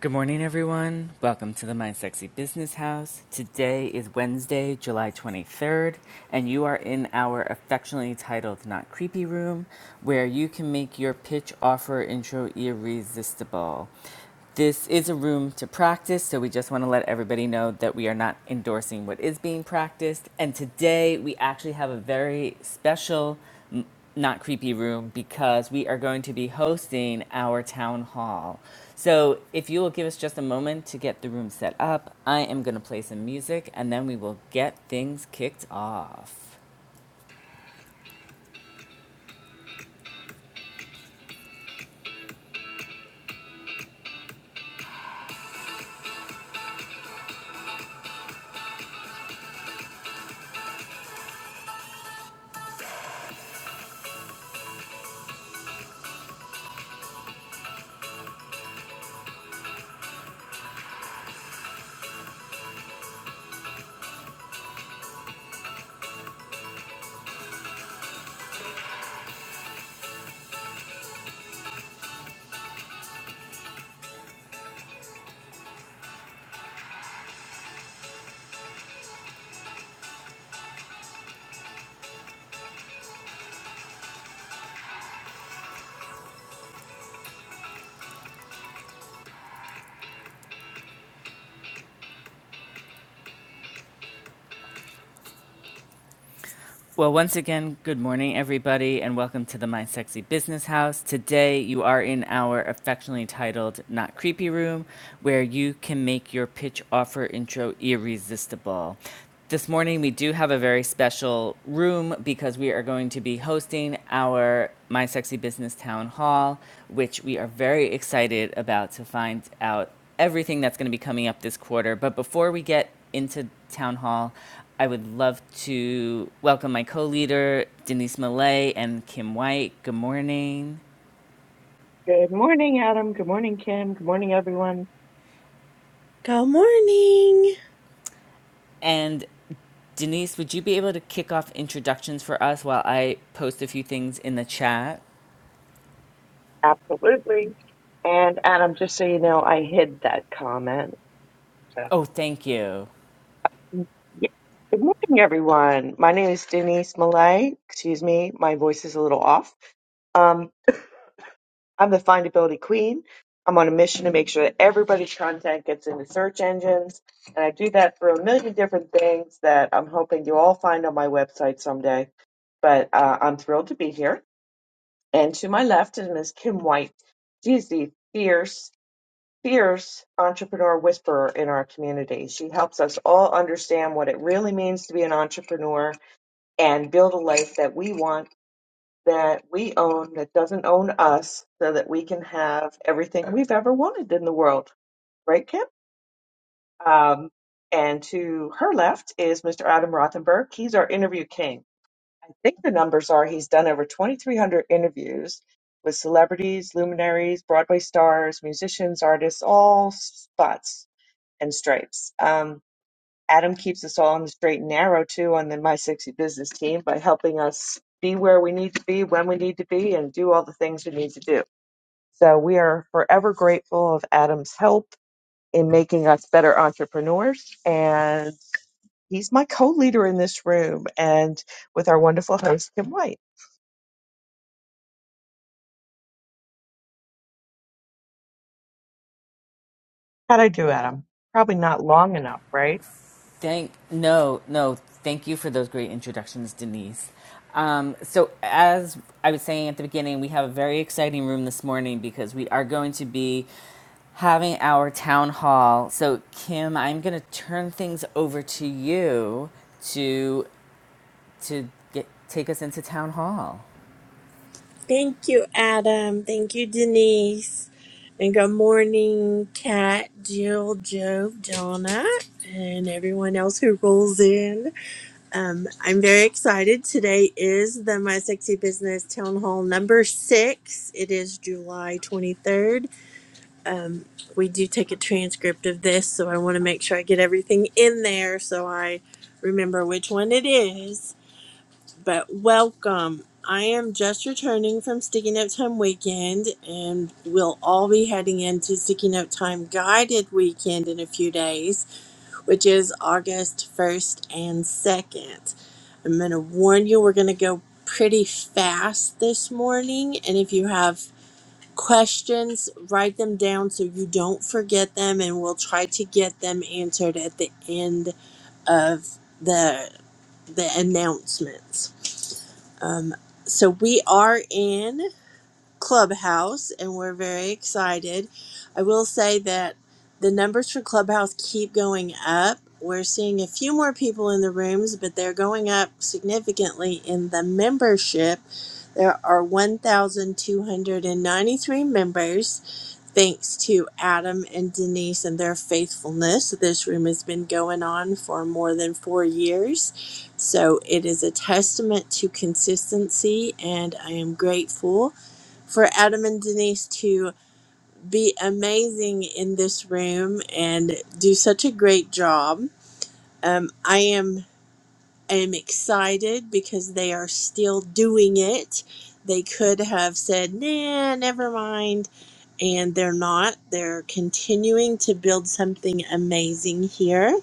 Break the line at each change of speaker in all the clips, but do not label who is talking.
Good morning, everyone. Welcome to the Mind Sexy Business House. Today is Wednesday, July 23rd, and you are in our affectionately titled Not Creepy Room, where you can make your pitch, offer, intro irresistible. This is a room to practice, so we just want to let everybody know that we are not endorsing what is being practiced. And today we actually have a very special not creepy room because we are going to be hosting our town hall. So, if you will give us just a moment to get the room set up, I am going to play some music and then we will get things kicked off. Well, once again, good morning, everybody, and welcome to the My Sexy Business House. Today, you are in our affectionately titled Not Creepy Room, where you can make your pitch offer intro irresistible. This morning, we do have a very special room because we are going to be hosting our My Sexy Business Town Hall, which we are very excited about to find out everything that's going to be coming up this quarter. But before we get into town hall. I would love to welcome my co-leader Denise Millay and Kim White. Good morning.
Good morning, Adam. Good morning, Kim. Good morning, everyone.
Good morning.
And Denise, would you be able to kick off introductions for us while I post a few things in the chat?
Absolutely. And Adam, just so you know, I hid that comment. So,
Oh, thank you.
yeah. Good morning, everyone. My name is Denise Malay. Excuse me, my voice is a little off. Um, I'm the findability queen. I'm on a mission to make sure that everybody's content gets into search engines. And I do that through a million different things that I'm hoping you all find on my website someday. But uh, I'm thrilled to be here. And to my left is Ms. Kim White. She's the fierce, fierce entrepreneur whisperer in our community. She helps us all understand what it really means to be an entrepreneur and build a life that we want, that we own, that doesn't own us, so that we can have everything we've ever wanted in the world. Right, Kim? Um, and to her left is Mr. Adam Rothenberg. He's our interview king I think the numbers are he's done over 2,300 interviews with celebrities, luminaries, Broadway stars, musicians, artists, all spots and stripes. Um, Adam keeps us all on the straight and narrow too on the My 60 Business team by helping us be where we need to be, when we need to be, and do all the things we need to do. So we are forever grateful of Adam's help in making us better entrepreneurs. And he's my co leader in this room and with our wonderful host, Kim White. How'd I do, Adam? Probably not long enough, right?
Thank no, no. Thank you for those great introductions, Denise. Um, so, as I was saying at the beginning, we have a very exciting room this morning because we are going to be having our town hall. So, Kim, I'm going to turn things over to you to to get take us into town hall.
Thank you, Adam. Thank you, Denise. And good morning, Kat, Jill, Job, Donna, and everyone else who rolls in. Um, I'm very excited. Today is the My Sexy Business Town Hall number six. It is July 23rd. Um, we do take a transcript of this, so I want to make sure I get everything in there so I remember which one it is. But welcome. I am just returning from Sticky Note Time weekend, and we'll all be heading into Sticky Note Time guided weekend in a few days, which is August 1st and 2nd. I'm going to warn you, we're going to go pretty fast this morning, and if you have questions, write them down so you don't forget them, and we'll try to get them answered at the end of the the announcements. Um, so we are in Clubhouse and we're very excited. I will say that the numbers for Clubhouse keep going up. We're seeing a few more people in the rooms, but they're going up significantly in the membership. There are 1,293 members Thanks to Adam and Denise and their faithfulness, this room has been going on for more than four years. So it is a testament to consistency, and I am grateful for Adam and Denise to be amazing in this room and do such a great job. Um, I am I am excited because they are still doing it. They could have said, "Nah, never mind." and they're not. They're continuing to build something amazing here.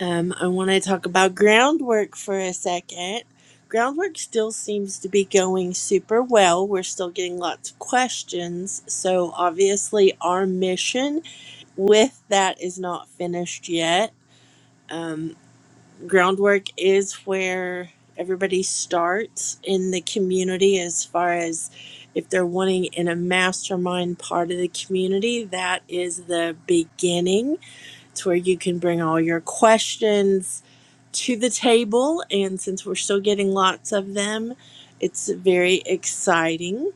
Um, I want to talk about groundwork for a second. Groundwork still seems to be going super well. We're still getting lots of questions. So, obviously, our mission with that is not finished yet. Um, groundwork is where everybody starts in the community as far as if they're wanting in a mastermind part of the community that is the beginning it's where you can bring all your questions to the table and since we're still getting lots of them it's very exciting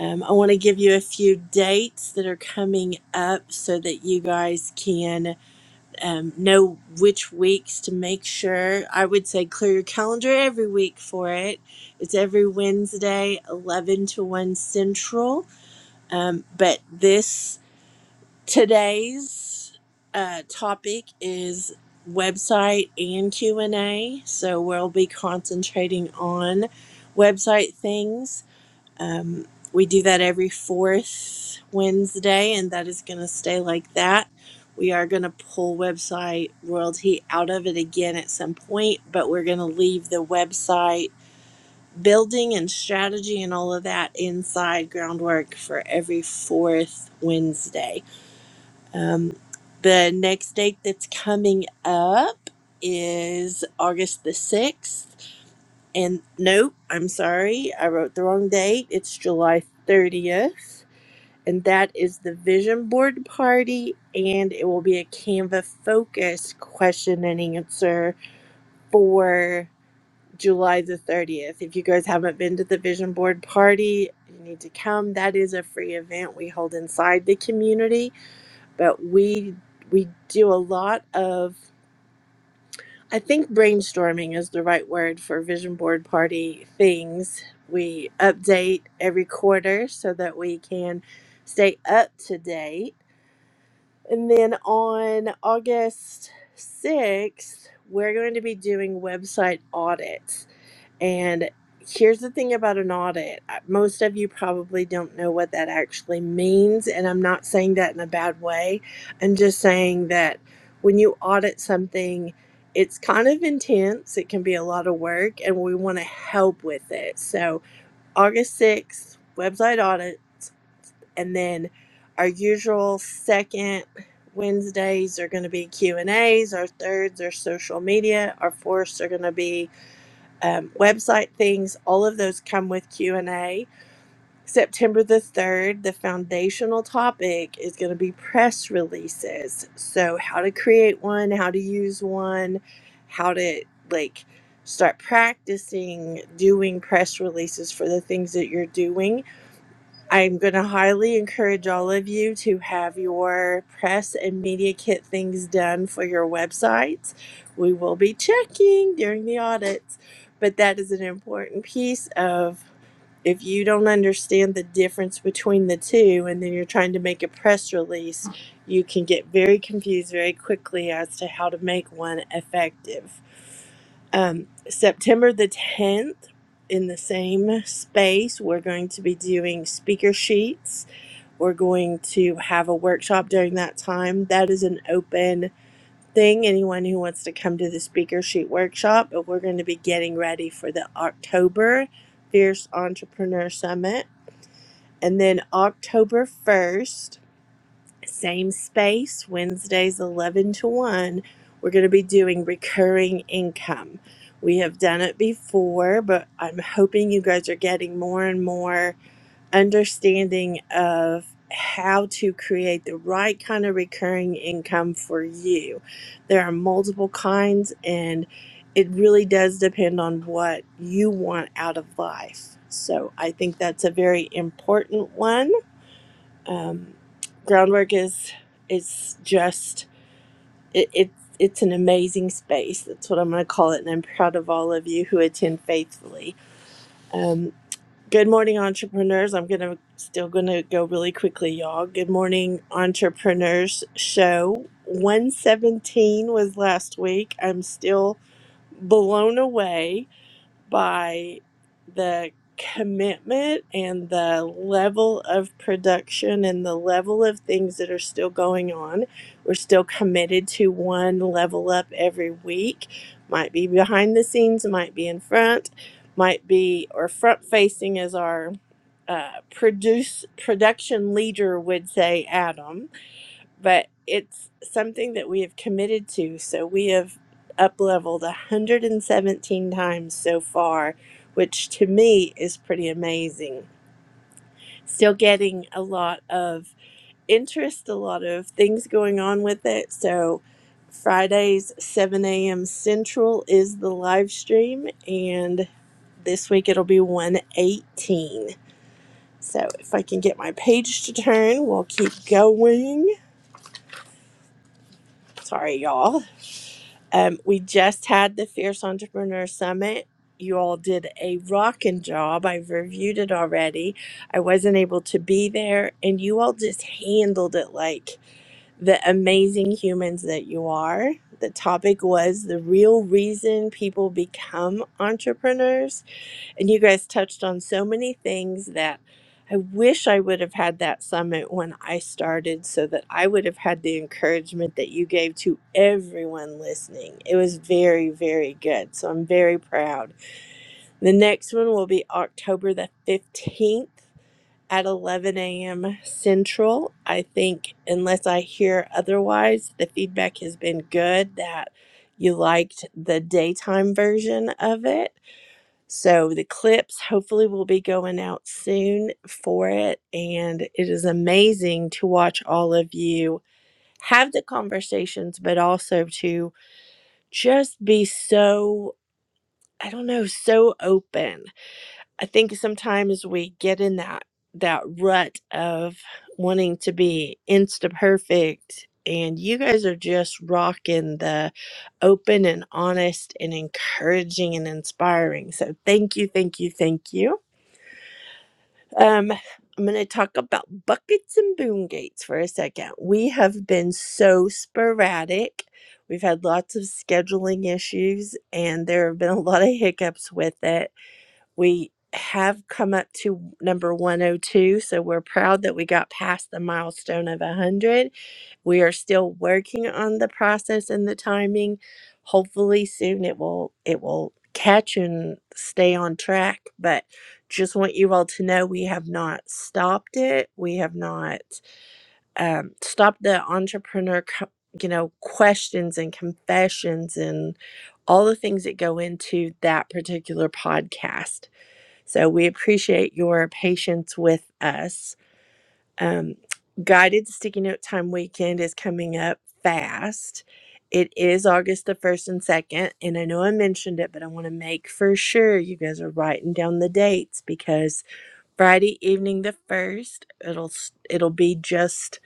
um, i want to give you a few dates that are coming up so that you guys can um, know which weeks to make sure. I would say clear your calendar every week for it. It's every Wednesday, 11 to 1 Central. Um, but this, today's uh, topic is website and q&a so we'll be concentrating on website things um, we do that every fourth Wednesday, and that is going to stay like that. We are going to pull website royalty out of it again at some point, but we're going to leave the website building and strategy and all of that inside groundwork for every fourth Wednesday. Um, the next date that's coming up is August the 6th and nope, I'm sorry, I wrote the wrong date. It's July 30th, and that is the vision board party, and it will be a Canva focus question and answer for July the 30th. If you guys haven't been to the vision board party, you need to come. That is a free event we hold inside the community, but we we do a lot of I think brainstorming is the right word for vision board party things. We update every quarter so that we can stay up to date. And then on August 6th, we're going to be doing website audits. And here's the thing about an audit most of you probably don't know what that actually means. And I'm not saying that in a bad way. I'm just saying that when you audit something, it's kind of intense, it can be a lot of work, and we want to help with it. So, August 6th, website audit, and then our usual second Wednesdays are going to be Q&As, our thirds are social media, our fourths are going to be um, website things all of those come with q&a september the 3rd the foundational topic is going to be press releases so how to create one how to use one how to like start practicing doing press releases for the things that you're doing I'm going to highly encourage all of you to have your press and media kit things done for your websites. We will be checking during the audits, but that is an important piece of if you don't understand the difference between the two and then you're trying to make a press release, you can get very confused very quickly as to how to make one effective. Um, September the 10th, in the same space, we're going to be doing speaker sheets we're going to have a workshop during that time. That is an open thing. Anyone who wants to come to the speaker shoot workshop, but we're going to be getting ready for the October Fierce Entrepreneur Summit. And then October 1st, same space, Wednesdays 11 to 1, we're going to be doing recurring income. We have done it before, but I'm hoping you guys are getting more and more understanding of how to create the right kind of recurring income for you. There are multiple kinds, and it really does depend on what you want out of life. So I think that's a very important one. Um, groundwork is is just it, it it's an amazing space. That's what I'm going to call it, and I'm proud of all of you who attend faithfully. Um, Good morning, entrepreneurs. I'm gonna still gonna go really quickly, y'all. Good morning, entrepreneurs show. 117 was last week. I'm still blown away by the commitment and the level of production and the level of things that are still going on. We're still committed to one level up every week. Might be behind the scenes, might be in front, might be or front facing as our uh, produce production leader would say, Adam but it's something that we have committed to. So we have up leveled 117 times so far, which to me is pretty amazing. Still getting a lot of interest, a lot of things going on with it. So Fridays, 7 a.m. Central is the live stream, and this week it'll be 118. So if I can get my page to turn, we'll keep going. Sorry, y'all. Um, we just had the Fierce Entrepreneur Summit. You all did a rockin' job. I've reviewed it already. I wasn't able to be there, and you all just handled it like the amazing humans that you are. The topic was the real reason people become entrepreneurs and you guys touched on so many things that I wish I would have had that summit when I started so that I would have had the encouragement that you gave to everyone listening. It was very, very good. So I'm very proud. The next one will be October the 15th at 11 a.m. Central. I think, unless I hear otherwise, the feedback has been good that you liked the daytime version of it so the clips hopefully will be going out soon for it. And it is amazing to watch all of you have the conversations, but also to just be so, I don't know, so open. I think sometimes we get in that that rut of wanting to be insta perfect and you guys are just rocking the open and honest and encouraging and inspiring so thank you thank you thank you Um, I'm going to talk about buckets and boom gates for a second. We have been so sporadic. We've had lots of scheduling issues, and there have been a lot of hiccups with it. We have come up to number 102, so we're proud that we got past the milestone of 100. We are still working on the process and the timing. Hopefully soon it will it will catch and stay on track, but just want you all to know we have not stopped it. We have not um, stopped the entrepreneur co- you know questions and confessions and all the things that go into that particular podcast so we appreciate your patience with us. Um, Guided Sticky Note Time weekend is coming up fast. It is August the 1st and 2nd, and I know I mentioned it, but I want to make for sure you guys are writing down the dates because Friday evening the 1st, it'll it'll be just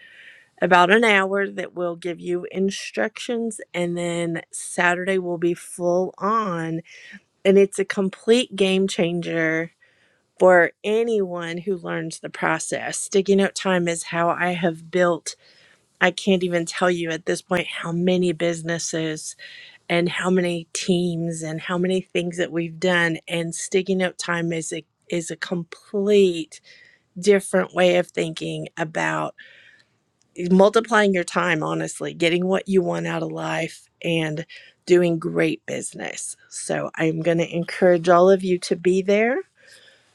about an hour that will give you instructions and then Saturday will be full on and it's a complete game changer for anyone who learns the process. Sticky note time is how I have built, I can't even tell you at this point how many businesses and how many teams and how many things that we've done. And sticky note time is a is a complete different way of thinking about multiplying your time, honestly, getting what you want out of life and doing great business. So I'm going to encourage all of you to be there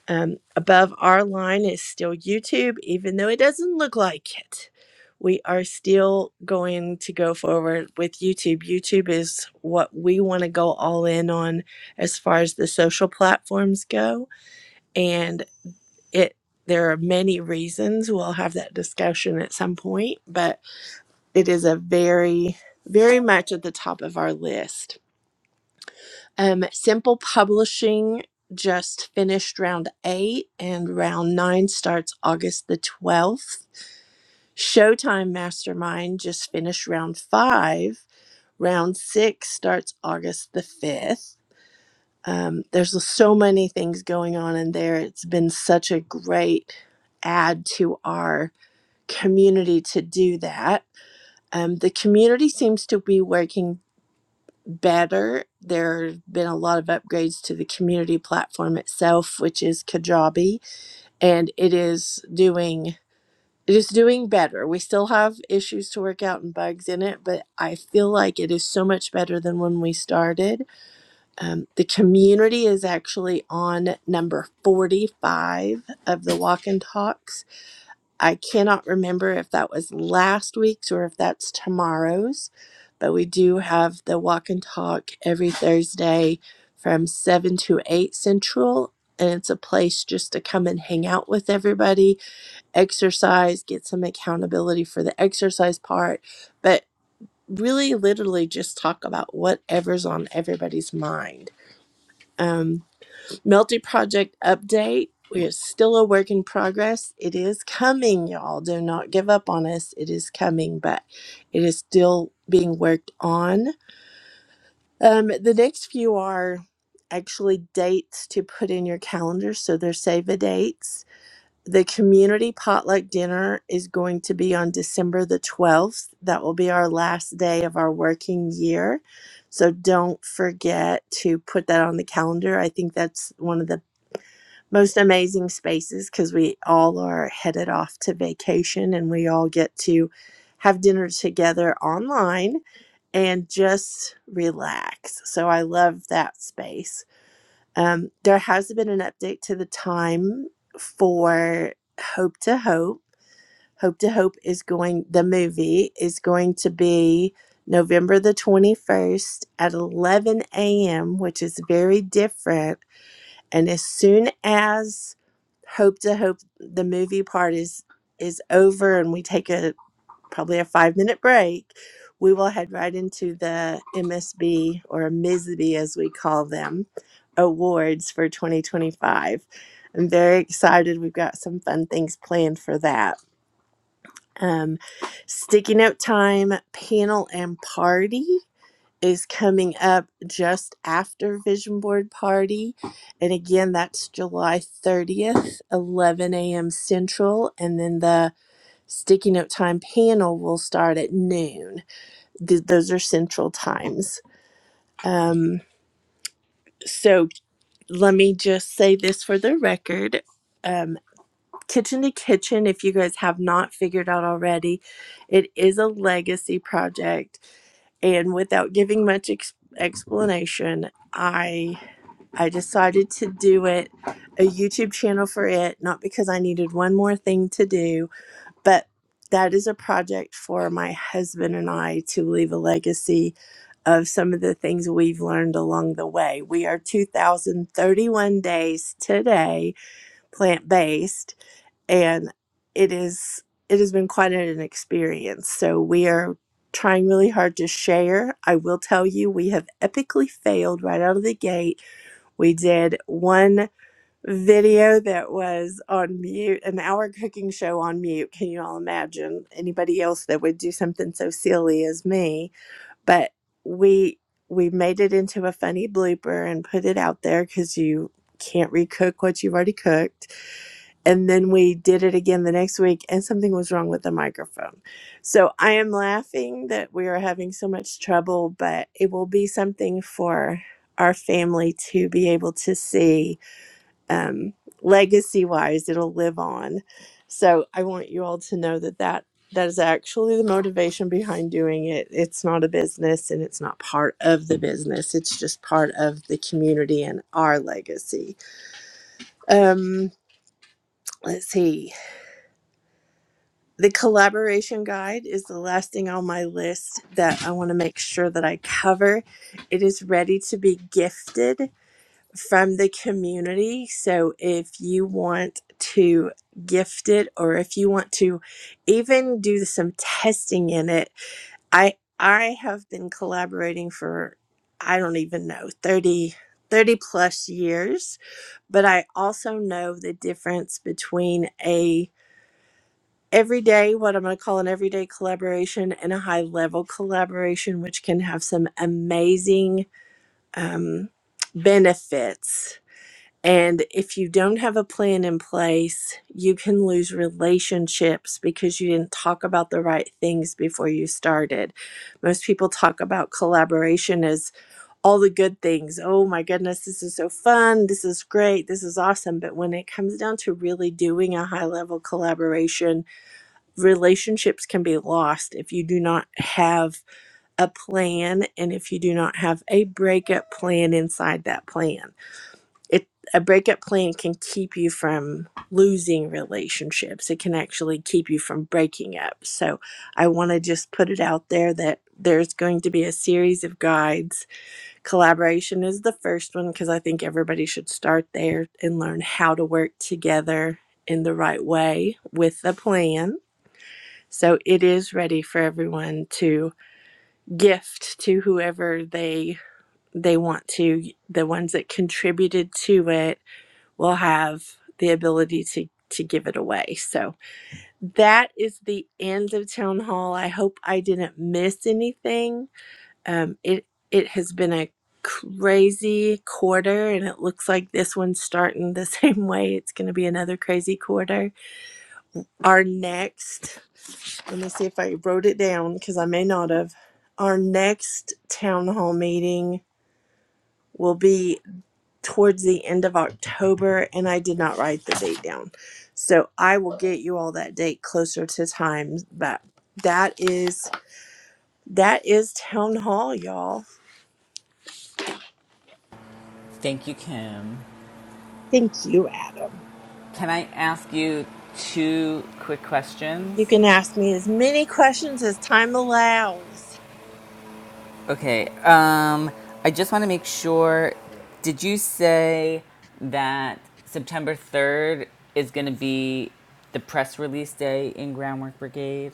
um, above our line is still YouTube, even though it doesn't look like it. We are still going to go forward with YouTube. YouTube is what we want to go all in on as far as the social platforms go. And it there are many reasons. We'll have that discussion at some point, but it is a very, very much at the top of our list um, Simple Publishing just finished round eight, and round nine starts August the 12th. Showtime Mastermind just finished round five. Round six starts August the 5th. Um, there's so many things going on in there. It's been such a great add to our community to do that. Um, the community seems to be working better. There have been a lot of upgrades to the community platform itself, which is Kajabi, and it is doing it is doing better. We still have issues to work out and bugs in it, but I feel like it is so much better than when we started. Um, the community is actually on number 45 of the walk and talks I cannot remember if that was last week's or if that's tomorrow's, but we do have the walk and talk every Thursday from 7 to 8 Central. And it's a place just to come and hang out with everybody, exercise, get some accountability for the exercise part, but really literally just talk about whatever's on everybody's mind. Um, Melty Project update. We are still a work in progress. It is coming, y'all. Do not give up on us. It is coming, but it is still being worked on. Um, the next few are actually dates to put in your calendar, so they're save the dates. The community potluck dinner is going to be on December the 12th. That will be our last day of our working year. So don't forget to put that on the calendar. I think that's one of the most amazing spaces because we all are headed off to vacation and we all get to have dinner together online and just relax. So I love that space. Um, there has been an update to the time for Hope to Hope. Hope to Hope is going, the movie is going to be November the 21st at 11 a.m., which is very different and as soon as Hope to Hope the movie part is is over and we take a probably a 5 minute break, we will head right into the MSB or MSB as we call them awards for 2025. I'm very excited. We've got some fun things planned for that. Um, sticky note time, panel and party is coming up just after Vision Board Party. And again, that's July 30th, 11 a.m. Central. And then the Sticky Note Time panel will start at noon. Th- those are Central times. Um, so let me just say this for the record. Um, Kitchen to Kitchen, if you guys have not figured out already, it is a legacy project and without giving much ex- explanation, I I decided to do it, a YouTube channel for it, not because I needed one more thing to do, but that is a project for my husband and I to leave a legacy of some of the things we've learned along the way. We are 2,031 days today, plant based, and it is it has been quite an experience. So we are trying really hard to share. I will tell you, we have epically failed right out of the gate we did one video that was on mute, an hour cooking show on mute. Can you all imagine anybody else that would do something so silly as me? But we we made it into a funny blooper and put it out there because you can't recook what you've already cooked and then we did it again the next week and something was wrong with the microphone so i am laughing that we are having so much trouble but it will be something for our family to be able to see um, legacy wise it'll live on so i want you all to know that that that is actually the motivation behind doing it it's not a business and it's not part of the business it's just part of the community and our legacy um, let's see the collaboration guide is the last thing on my list that I want to make sure that I cover. It is ready to be gifted from the community. So if you want to gift it or if you want to even do some testing in it, I I have been collaborating for I don't even know 30 30 plus years, but I also know the difference between a every day what I'm going to call an everyday collaboration and a high level collaboration, which can have some amazing um, benefits. And if you don't have a plan in place, you can lose relationships because you didn't talk about the right things before you started. Most people talk about collaboration as all the good things. Oh my goodness, this is so fun. This is great. This is awesome. But when it comes down to really doing a high level collaboration, relationships can be lost if you do not have a plan and if you do not have a breakup plan inside that plan. It a breakup plan can keep you from losing relationships. It can actually keep you from breaking up. So I want to just put it out there that there's going to be a series of guides. Collaboration is the first one because I think everybody should start there and learn how to work together in the right way with a plan so it is ready for everyone to gift to whoever they they want to. The ones that contributed to it will have the ability to to give it away. So that is the end of town hall. I hope I didn't miss anything. Um, it it has been a crazy quarter and it looks like this one's starting the same way it's going to be another crazy quarter our next let me see if I wrote it down because I may not have. Our next town hall meeting will be towards the end of October, and I did not write the date down. So I will get you all that date closer to time, but that is that is town hall, y'all.
Thank you, Kim.
Thank you, Adam.
Can I ask you two quick questions?
You can ask me as many questions as time allows.
Okay. Um, I just want to make sure. Did you say that September 3rd is going to be the press release day in Groundwork Brigade?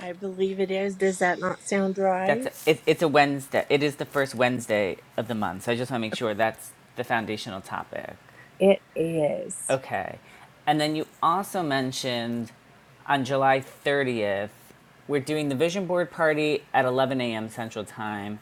I believe it is. Does that not sound
That's
right?
a, it, it's a Wednesday. It is the first Wednesday of the month. So I just want to make sure that's the foundational topic.
It is.
Okay. And then you also mentioned on July 30th, we're doing the vision board party at 11 a.m. Central Time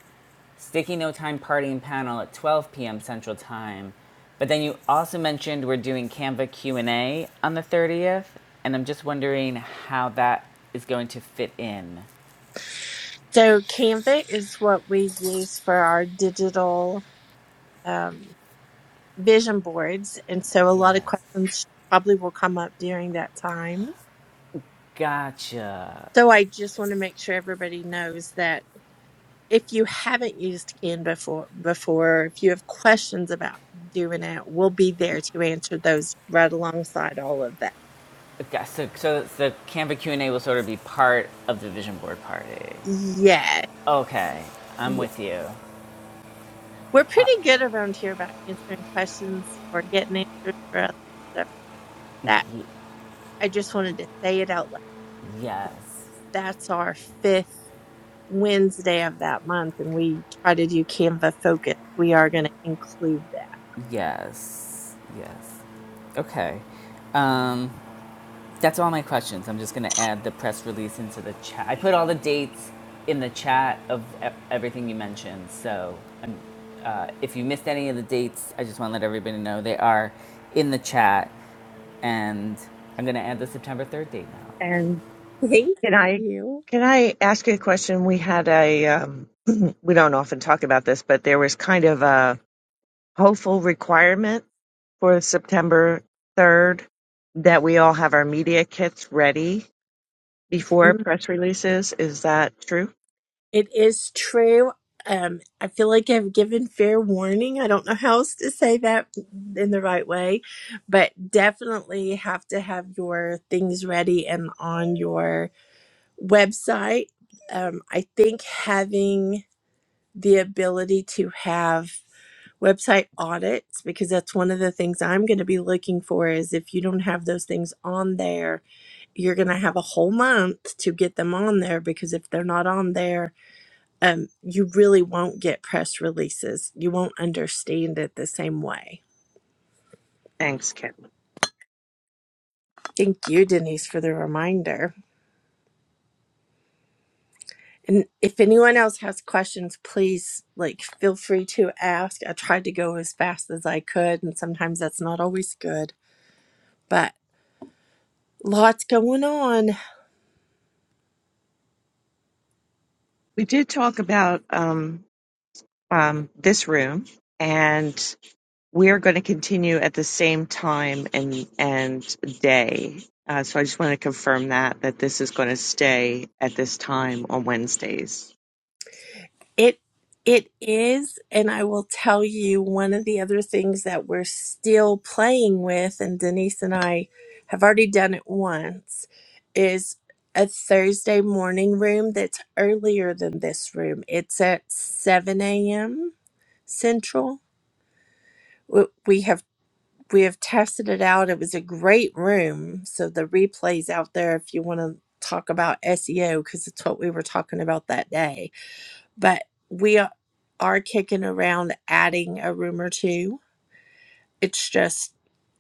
Sticky No Time Partying panel at 12 p.m. Central Time. But then you also mentioned we're doing Canva Q&A on the 30th, and I'm just wondering how that is going to fit in.
So Canva is what we use for our digital um, vision boards, and so a
Yes.
lot of questions probably will come up during that time.
Gotcha.
So I just want to make sure everybody knows that if you haven't used Canva for, before, if you have questions about doing it, we'll be there to answer those right alongside all of that.
Okay, so, so the Canva Q&A will sort of be part of the vision board party.
Yes.
Okay, I'm
Yeah.
with you.
We're pretty good around here about answering questions or getting answers for others. So that
Y-
I just wanted to say it out loud.
yes.
that's our fifth Wednesday of that month, and we try to do Canva focus. We are going to include that.
Yes. Yes. Okay. Um, That's all my questions. I'm just going to add the press release into the chat. I put all the dates in the chat of e- everything you mentioned. So um, uh, if you missed any of the dates, I just want to let everybody know they are in the chat. And I'm going to add the September 3rd date now.
And
Thank
can I
you.
can I ask you a question? We had a um, we don't often talk about this, but there was kind of a hopeful requirement for September third that we all have our media kits ready before
Mm,
press releases. Is that true?
It is true. Um, I feel like I've given fair warning. I don't know how else to say that in the right way, but definitely have to have your things ready and on your website. Um, I think having the ability to have website audits because that's one of the things I'm going to be looking for is if you don't have those things on there, you're going to have a whole month to get them on there because if they're not on there, um, you really won't get press releases. You won't understand it the same way.
Thanks, Kim.
Thank you, Denise, for the reminder. And if anyone else has questions, please like feel free to ask. I tried to go as fast as I could, and sometimes that's not always good, but lots going on.
We did talk about. Um, um, this room, and we are going to continue at the same time and and day. Uh, so I just want to confirm that that this is going to stay at this time on Wednesdays.
It it is, and I will tell you one of the other things that we're still playing with, and Denise and I have already done it once, is a Thursday morning room that's earlier than this room. It's at seven a.m. Central. We we have we have tested it out. It was a great room, so the replays out there if you want to talk about SEO because it's what we were talking about that day but we a- are kicking around adding a room or two. It's just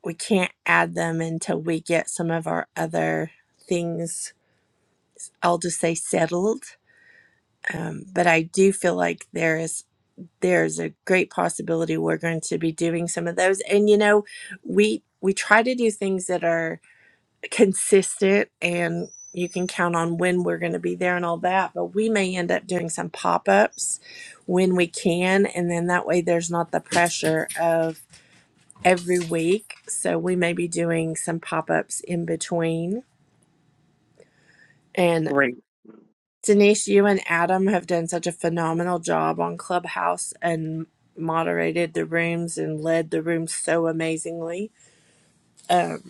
we can't add them until we get some of our other things. I'll just say settled. Um, but I do feel like there is there's a great possibility we're going to be doing some of those. And you know, we we try to do things that are consistent and you can count on when we're going to be there and all that but we may end up doing some pop-ups when we can and then that way there's not the pressure of every week so we may be doing some pop-ups in between and
Great.
denise you and adam have done such a phenomenal job on clubhouse and moderated the rooms and led the rooms so amazingly Um,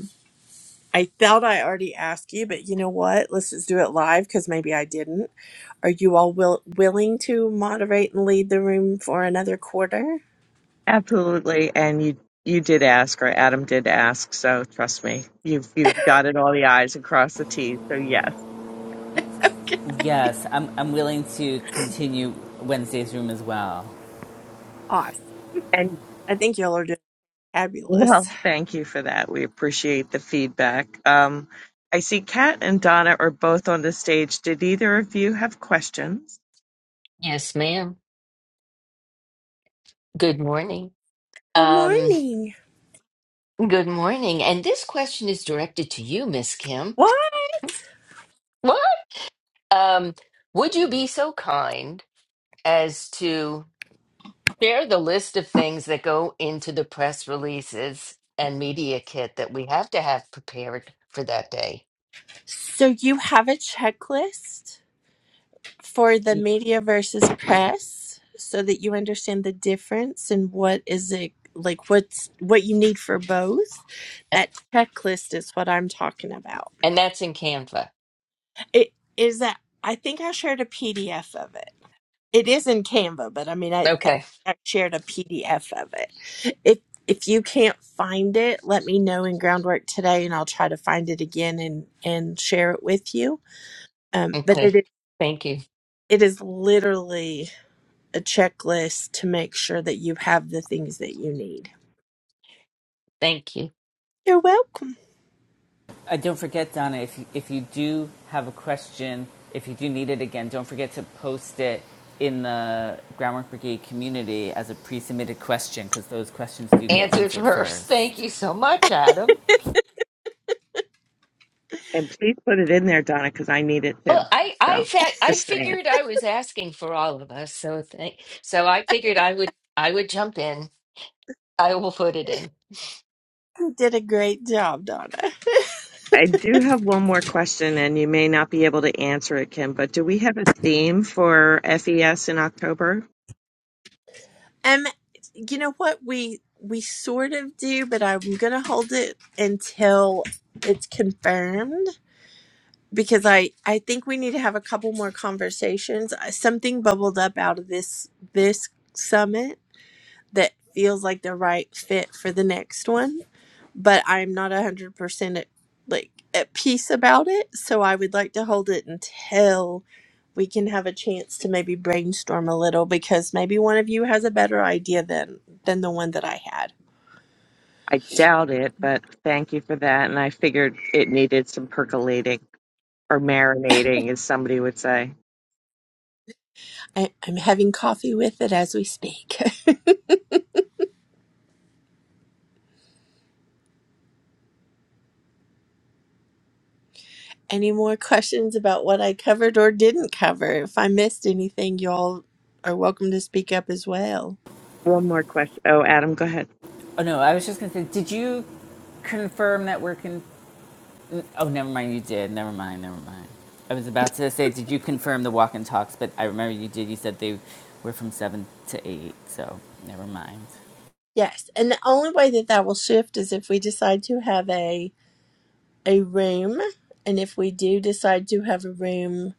I thought I already asked you, but you know what? Let's just do it live because maybe I didn't. Are you all will- willing to moderate and lead the room for another quarter?
Absolutely, and you you did ask, or Adam did ask, so trust me, you've you've dotted all the i's and crossed the t's. So yes,
Yes, I'm, I'm willing to continue Wednesday's room as well.
Awesome.
and
I think y'all are doing
well,
fabulous.
thank you for that. We appreciate the feedback. Um, I see Kat and Donna are both on the stage. Did either of you have questions?
Yes, ma'am. Good morning.
Good
Um,
morning.
good morning. And this question is directed to you, Miss Kim.
What?
What? Um, would you be so kind as to share the list of things that go into the press releases and media kit that we have to have prepared for that day?
So you have a checklist for the
Y-
media versus press so that you understand the difference and what is it like what's what you need for both.
A-
That checklist is what I'm talking about.
And that's in Canva.
It is that I think I shared a PDF of it. It is in Canva, but I mean, I, I
Okay.
I shared a PDF of it. If if you can't find it, let me know in groundwork today, and I'll try to find it again and and share it with you. Um, but it
Okay.
is
Thank you.
it is literally a checklist to make sure that you have the things that you need.
Thank you.
You're welcome.
Uh, don't forget, Donna, if you, if you do have a question, if you do need it again, don't forget to post it in the Groundwork Brigade community as a pre-submitted question because those questions do get
Answered
answered
first. Thank
first.
you so much, Adam.
And please put it in there, Donna, because I need it
Well,
too.
I I
So
fa- I
just saying.
figured I was asking for all of us, so thank so I figured I would I would jump in. I will put it in.
You did a great job, Donna.
I do have one more question, and you may not be able to answer it, Kim, but do we have a theme for FES in October?
Um, you know what we we sort of do, but I'm gonna hold it until it's confirmed because I I think we need to have a couple more conversations. Uh, Something bubbled up out of this this summit that feels like the right fit for the next one, but I'm not a hundred percent at like at peace about it. So I would like to hold it until we can have a chance to maybe brainstorm a little because maybe one of you has a better idea than than the one that I had.
I doubt it, but thank you for that. And I figured it needed some percolating or marinating, as somebody would say.
I, I'm having coffee with it as we speak. Any more questions about what I covered or didn't cover? If I missed anything, y'all are welcome to speak up as well.
One more question. Oh, Adam, go ahead.
Oh no, I was just gonna say, did you confirm that we're con? Oh, never mind, you did. Never mind, never mind. I was about to say, did you confirm the walk and talks? But I remember you did. You said they were from seven to eight, so never mind.
Yes, and the only way that that will shift is if we decide to have a a room, and if we do decide to have a room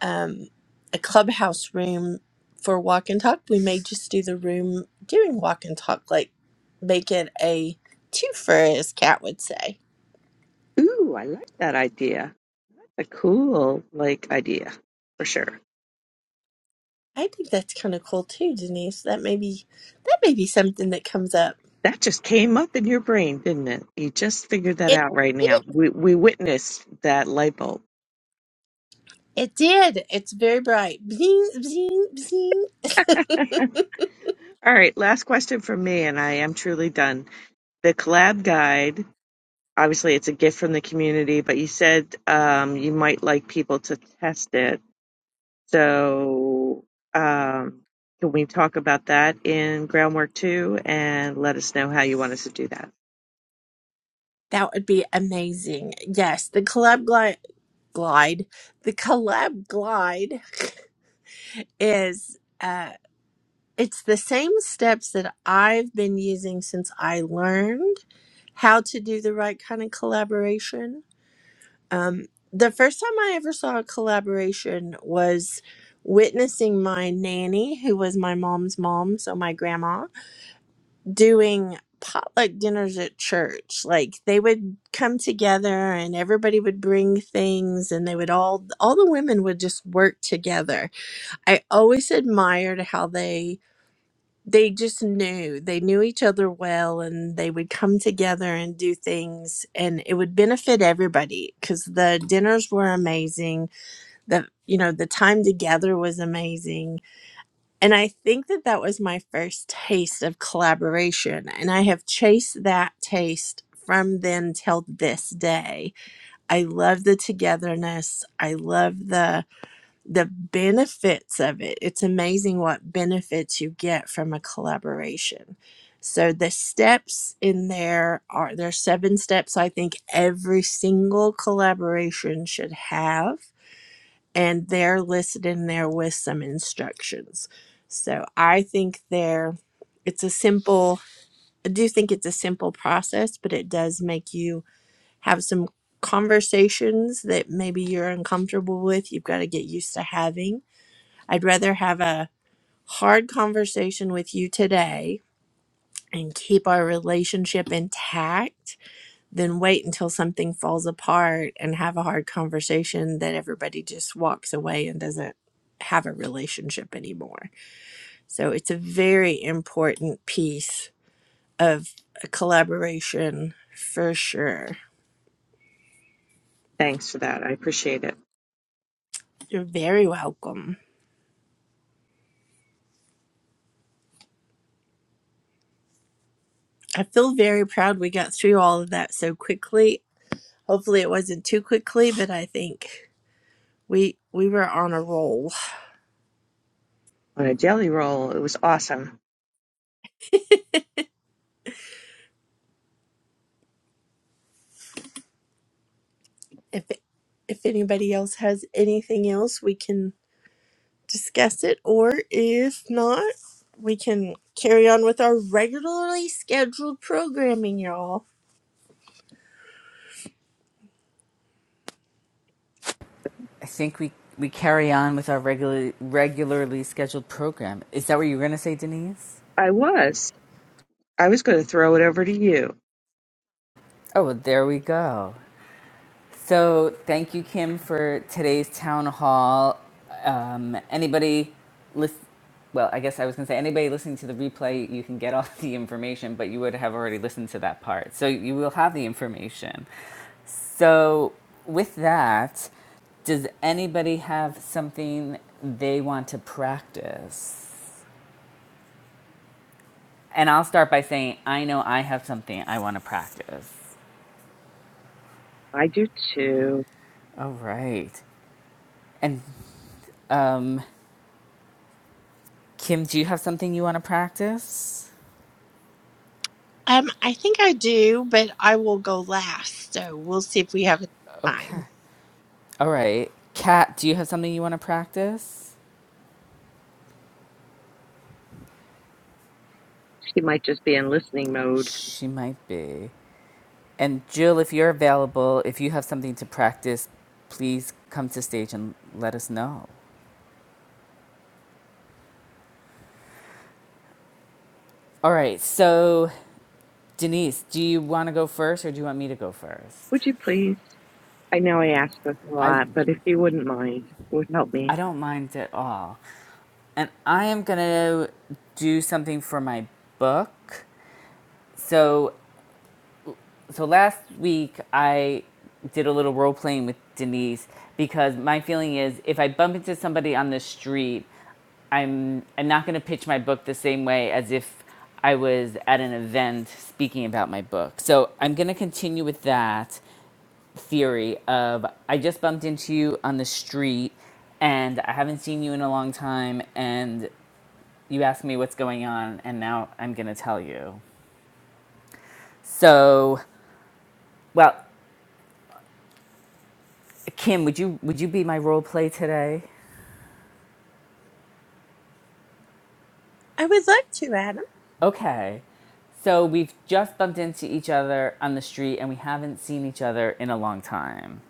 um, a clubhouse room for walk and talk. We may just do the room during walk and talk, like make it a twofer, as Kat would say.
Ooh, I like that idea. A cool, like, idea for sure.
I think that's kind of cool too, Denise. That may be that may be something that comes up.
That just came up in your brain, didn't it? You just figured that
It
out right
did.
now. We we witnessed that light bulb.
it did. It's very bright. Bzing bzing bzing.
All right, last question from me, and I am truly done. The collab guide, obviously, it's a gift from the community, but you said um, you might like people to test it. So, um, can we talk about that in groundwork two and let us know how you want us to do that?
That would be amazing. Yes, the collab glide, glide the collab glide is. uh, it's the same steps that I've been using since I learned how to do the right kind of collaboration. Um, the first time I ever saw a collaboration was witnessing my nanny, who was my mom's mom, so my grandma, doing potluck dinners at church. Like they would come together and everybody would bring things and they would all all the women would just work together. I always admired how they they just knew they knew each other well and they would come together and do things and it would benefit everybody because the dinners were amazing the you know the time together was amazing and i think that that was my first taste of collaboration and i have chased that taste from then till this day i love the togetherness i love the the benefits of it. It's amazing what benefits you get from a collaboration. So the steps in there are there's seven steps I think every single collaboration should have and they're listed in there with some instructions. So I think they're it's a simple I do think it's a simple process, but it does make you have some conversations that maybe you're uncomfortable with, you've got to get used to having I'd rather have a hard conversation with you today and keep our relationship intact than wait until something falls apart and have a hard conversation that everybody just walks away and doesn't have a relationship anymore. So it's a very important piece of a collaboration for sure.
Thanks for that. I appreciate it.
You're very welcome. I feel very proud we got through all of that so quickly. Hopefully, it wasn't too quickly, but I think We we were on a roll.
On a jelly roll, it was awesome.
If if anybody else has anything else, we can discuss it, or if not, we can carry on with our regularly scheduled programming, y'all.
I think we, we carry on with our regular, regularly scheduled program. Is that what you were going to say, Denise?
I was. I was going to throw it over to you.
Oh, well, there we go. So, thank you, Kim, for today's town hall. Um, anybody listen? Well, I guess I was going to say anybody listening to the replay, you can get all the information, but you would have already listened to that part. So, you will have the information. So, with that, does anybody have something they want to practice? And I'll start by saying, I know I have something I want to practice.
I do too.
All right. And um, Kim, do you have something you want to practice?
Um, I think I do, but I will go last, so we'll see if we have
Okay.
time.
All right. Kat, do you have something you want to practice?
She might just be in listening mode.
She might be. And Jill, if you're available, if you have something to practice, please come to stage and let us know. All right. So, Denise, do you want to go first or do you want me to go first?
Would you please? I know I ask this a
I
lot, but if you wouldn't mind, it would help me.
I don't mind at all. and I am gonna do something for my book. So so last week I did a little role playing with Denise because my feeling is if I bump into somebody on the street, I'm I'm not gonna pitch my book the same way as if I was at an event speaking about my book. So I'm gonna continue with that theory of I just bumped into you on the street and I haven't seen you in a long time and you asked me what's going on, and now I'm going to tell you. So, well, Kim, would you would you be my role play today?
I would love to, Adam.
Okay. So we've just bumped into each other on the street, and we haven't seen each other in a long time.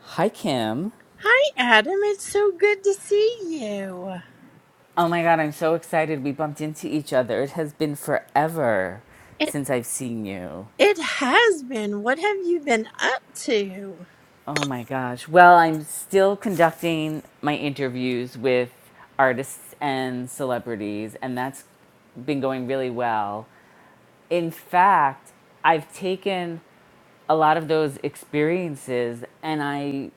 Hi, Kim.
Hi, Adam. It's so good to see you.
Oh my God, I'm so excited we bumped into each other. It has been forever
It
since I've seen you.
it has been. What have you been up to?
Oh my gosh. Well, I'm still conducting my interviews with artists and celebrities, and that's been going really well. In fact, I've taken a lot of those experiences and I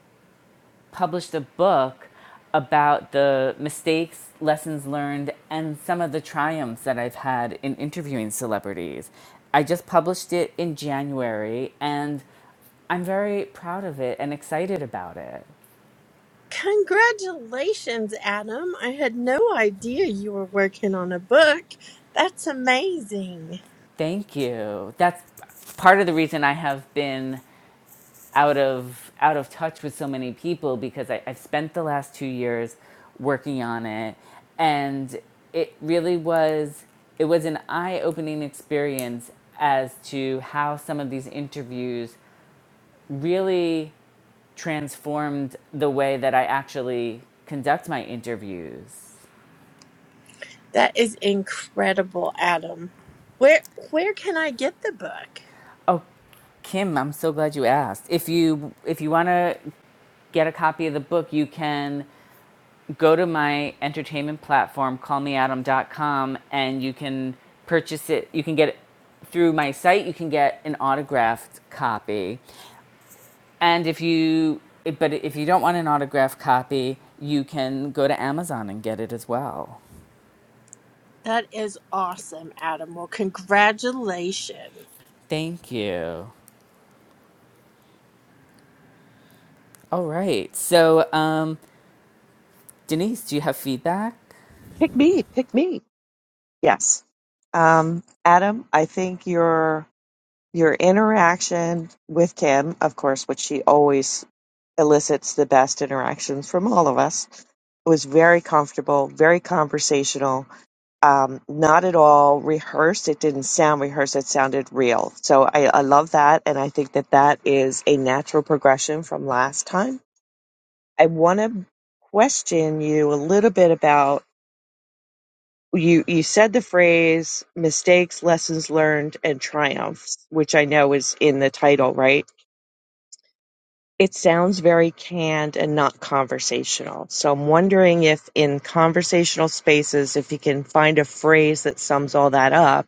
published a book about the mistakes, lessons learned, and some of the triumphs that I've had in interviewing celebrities. I just published it in January and I'm very proud of it and excited about it.
Congratulations, Adam. I had no idea you were working on a book. That's amazing.
Thank you. That's part of the reason I have been out of out of touch with so many people because I, I've spent the last two years working on it, and it really was it was an eye opening experience as to how some of these interviews really transformed the way that I actually conduct my interviews.
That is incredible, Adam. Where where can I get the book?
Oh, Kim, I'm so glad you asked. If you if you want to get a copy of the book, you can go to my entertainment platform, callmeadam.com, and you can purchase it. You can get it through my site. You can get an autographed copy. And if you, but if you don't want an autographed copy, you can go to Amazon and get it as well.
That is awesome, Adam. Well, congratulations.
Thank you. All right. So, um, Denise, do you have feedback?
Pick me, pick me. Yes. Um, Adam, I think your your interaction with Kim, of course, which she always elicits the best interactions from all of us, was very comfortable, very conversational, um, not at all rehearsed. It didn't sound rehearsed, it sounded real. So I, I love that. And I think that that is a natural progression from last time I want to question you a little bit about you you said the phrase mistakes, lessons learned and triumphs, which I know is in the title, right? It sounds very canned and not conversational. So I'm wondering if in conversational spaces if you can find a phrase that sums all that up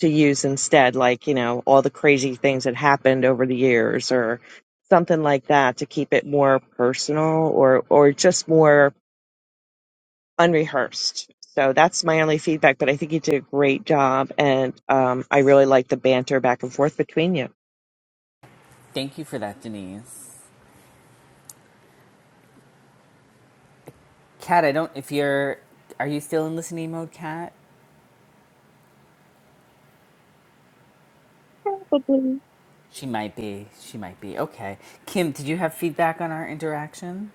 to use instead like, you know, all the crazy things that happened over the years or something like that to keep it more personal or or just more unrehearsed. So that's my only feedback, but I think you did a great job, and um, I really like the banter back and forth between you.
Thank you for that, Denise. Kat, I don't, if you're, are you still in listening mode, Kat? She might be. She might be. Okay. Kim, did you have feedback on our interaction?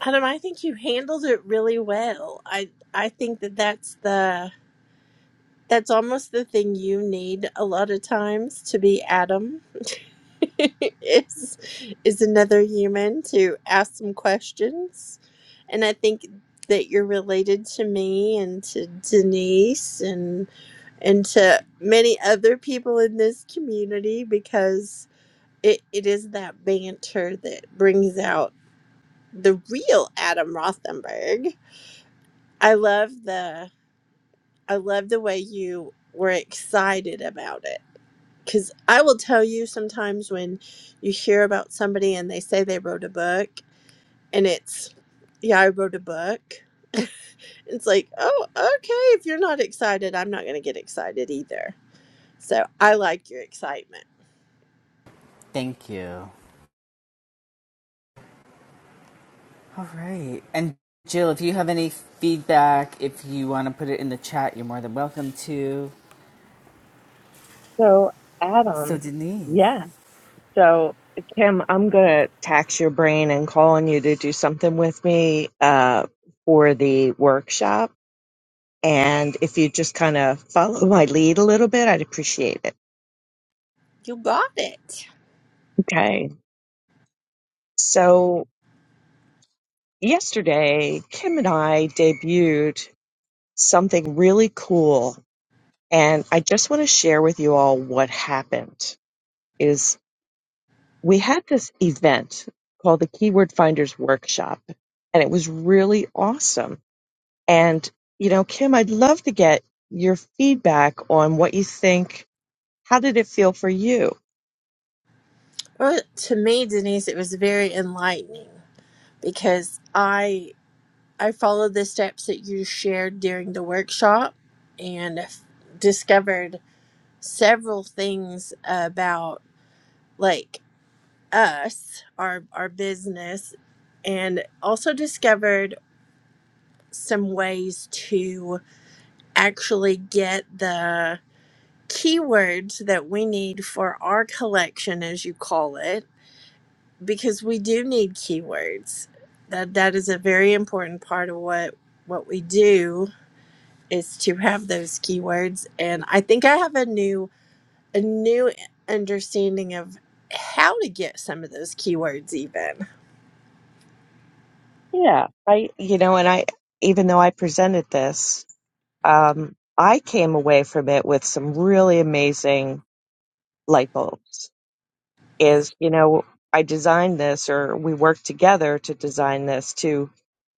Adam, I think you handled it really well. I I think that that's the that's almost the thing you need a lot of times to be Adam is is another human to ask some questions and i think that you're related to me and to denise and and to many other people in this community because it, it is that banter that brings out the real adam rothenberg i love the i love the way you were excited about it because I will tell you sometimes when you hear about somebody and they say they wrote a book, and it's, yeah, I wrote a book. It's like, oh, okay. If you're not excited, I'm not going to get excited either. So I like your excitement.
Thank you. All right. And Jill, if you have any feedback, if you want to put it in the chat, you're more than welcome to.
So,
So
Adam,
Denise.
yeah. So, Kim, I'm gonna tax your brain and call on you to do something with me uh, for the workshop. And if you just kind of follow my lead a little bit, I'd appreciate it.
You got it.
Okay. So yesterday, Kim and I debuted something really cool And I just want to share with you all what happened is we had this event called the Keyword Finders Workshop, and it was really awesome. And, you know, Kim, I'd love to get your feedback on what you think. How did it feel for you?
Well, to me, Denise, it was very enlightening because I I followed the steps that you shared during the workshop and f- discovered several things about like us, our our business, and also discovered some ways to actually get the keywords that we need for our collection, as you call it, because we do need keywords. That that is a very important part of what what we do is to have those keywords. And I think I have a new a new understanding of how to get some of those keywords even.
Yeah. I, you know, and I, even though I presented this, um, I came away from it with some really amazing light bulbs is you know i designed this or we worked together to design this to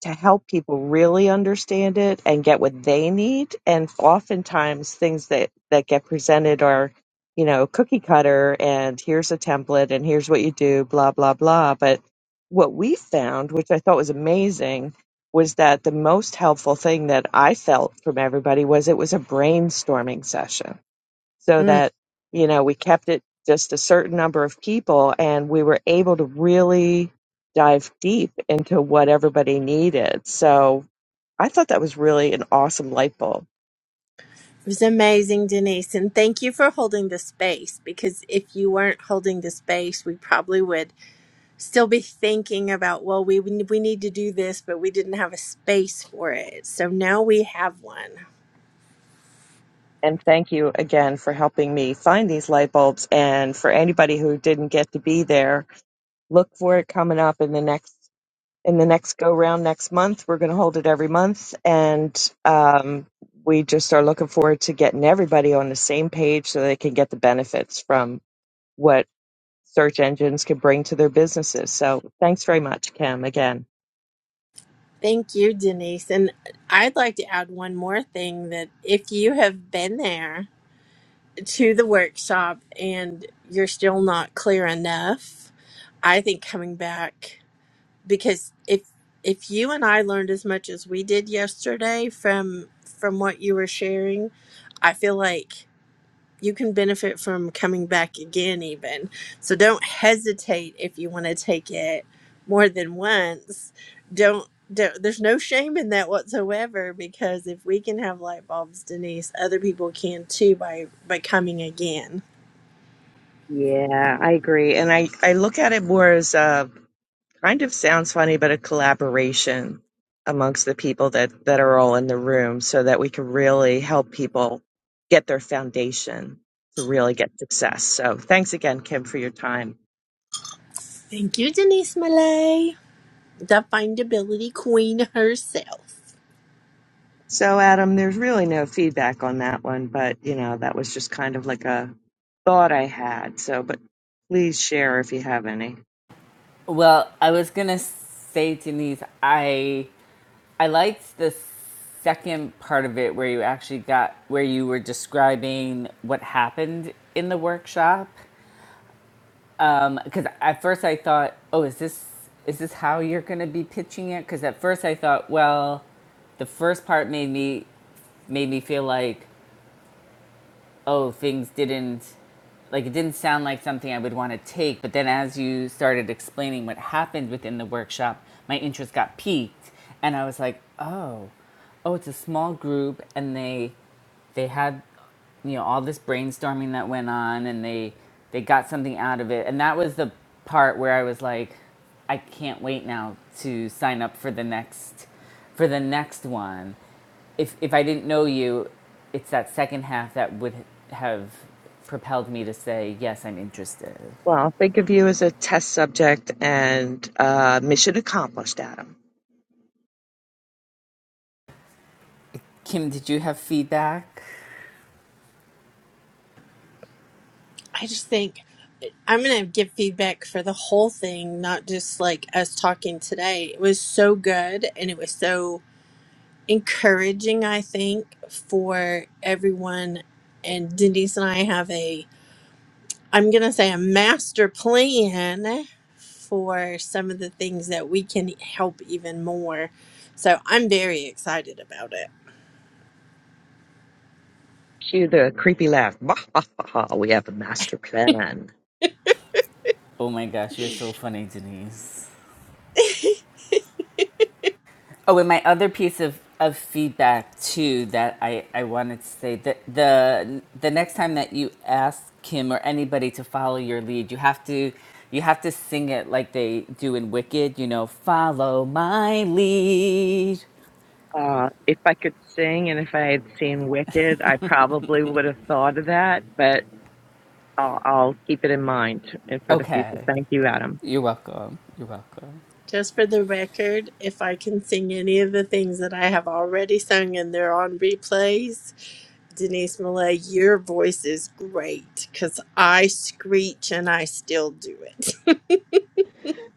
to help people really understand it and get what they need and oftentimes things that that get presented are you know cookie cutter and here's a template and here's what you do blah blah blah but what we found which i thought was amazing was that the most helpful thing that i felt from everybody was it was a brainstorming session so that you know we kept it just a certain number of people and we were able to really dive deep into what everybody needed so i thought that was really an awesome light bulb
It was amazing, Denise. And thank you for holding the space because if you weren't holding the space, we probably would still be thinking about, well, we, we need to do this, but we didn't have a space for it. So now we have one.
and thank you again for helping me find these light bulbs and for anybody who didn't get to be there look for it coming up in the next in the next go round next month we're going to hold it every month and um, we just are looking forward to getting everybody on the same page so they can get the benefits from what search engines can bring to their businesses. So thanks very much, Kim, again.
Thank you, Denise. And I'd like to add one more thing that if you have been there to the workshop and you're still not clear enough, I think coming back. because if if you and I learned as much as we did yesterday from from what you were sharing, I feel like you can benefit from coming back again even. So don't hesitate if you want to take it more than once. Don't, don't there's no shame in that whatsoever because if we can have light bulbs, Denise, other people can too by by coming again.
Yeah, I agree. And I, I look at it more as a kind of sounds funny, but a collaboration amongst the people that, that are all in the room so that we can really help people get their foundation to really get success. So thanks again, Kim, for your time.
Thank you, Denise Malay, the findability queen herself.
So Adam, there's really no feedback on that one, but you know, that was just kind of like a thought I had. So, but please share if you have any.
Well, I was gonna say Denise, I I liked the second part of it where you actually got where you were describing what happened in the workshop Um, because at first I thought, oh, is this is this how you're gonna be pitching it? Because at first I thought, well, the first part made me made me feel like, oh, things didn't like it didn't sound like something I would want to take. But then as you started explaining what happened within the workshop, my interest got piqued, and I was like, oh, oh, it's a small group, and they they had you know all this brainstorming that went on and they they got something out of it and that was the part where i was like i can't wait now to sign up for the next for the next one if if i didn't know you it's that second half that would have propelled me to say yes i'm interested
Well, think of you as a test subject and uh, mission accomplished, Adam.
kim did you have feedback
I just think I'm going to give feedback for the whole thing, not just like us talking today. It was so good and it was so encouraging, I think, for everyone. And Denise and I have a, I'm going to say, a master plan for some of the things that we can help even more. So I'm very excited about it.
Cue the creepy laugh. We have a master plan.
oh my gosh you're so funny denise Oh, and my other piece of, of feedback too that I, I wanted to say that the the next time that you ask Kim or anybody to follow your lead, you have to you have to sing it like they do in Wicked, you know, follow my lead.
Uh, if I could sing and if I had seen Wicked, I probably would have thought of that. But I'll, I'll keep it in mind and for the future.
Okay.
Thank you, Adam.
You're welcome. You're welcome.
Just for the record, if I can sing any of the things that I have already sung and they're on replays, Denise Millay, your voice is great because I screech and I still do it.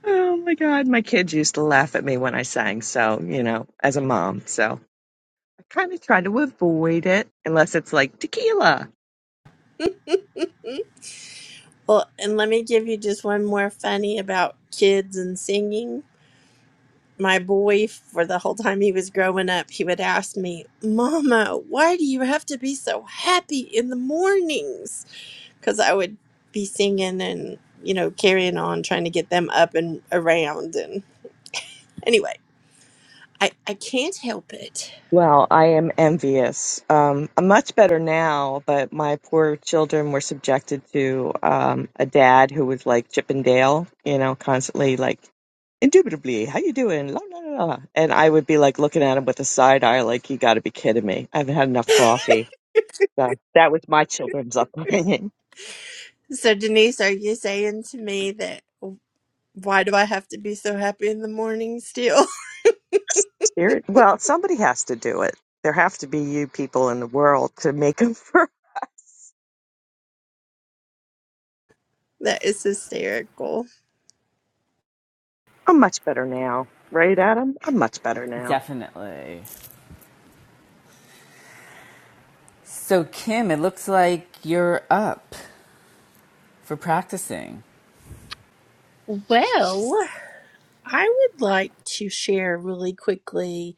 Oh my God, my kids used to laugh at me when I sang. So, you know, as a mom, so I kind of try to avoid it unless it's like tequila.
Well, and let me give you just one more funny about kids and singing. My boy, for the whole time he was growing up, he would ask me, Mama, why do you have to be so happy in the mornings? Because I would be singing and, you know, carrying on, trying to get them up and around. And anyway, I, I can't help it.
Well, I am envious. Um, I'm much better now, but my poor children were subjected to um, a dad who was like Chip and Dale, you know, constantly like, indubitably, how you doing? La, la, la. la." And I would be like looking at him with a side eye, like, you got to be kidding me. I haven't had enough coffee. So that was my children's upbringing.
So, Denise, are you saying to me that? Why do I have to be so happy in the morning still?
Spirit. Well, somebody has to do it. There have to be you people in the world to make them for us.
that is hysterical.
I'm much better now, right, Adam? I'm much better now.
Definitely. So Kim, it looks like you're up for practicing.
Well, I would like to share really quickly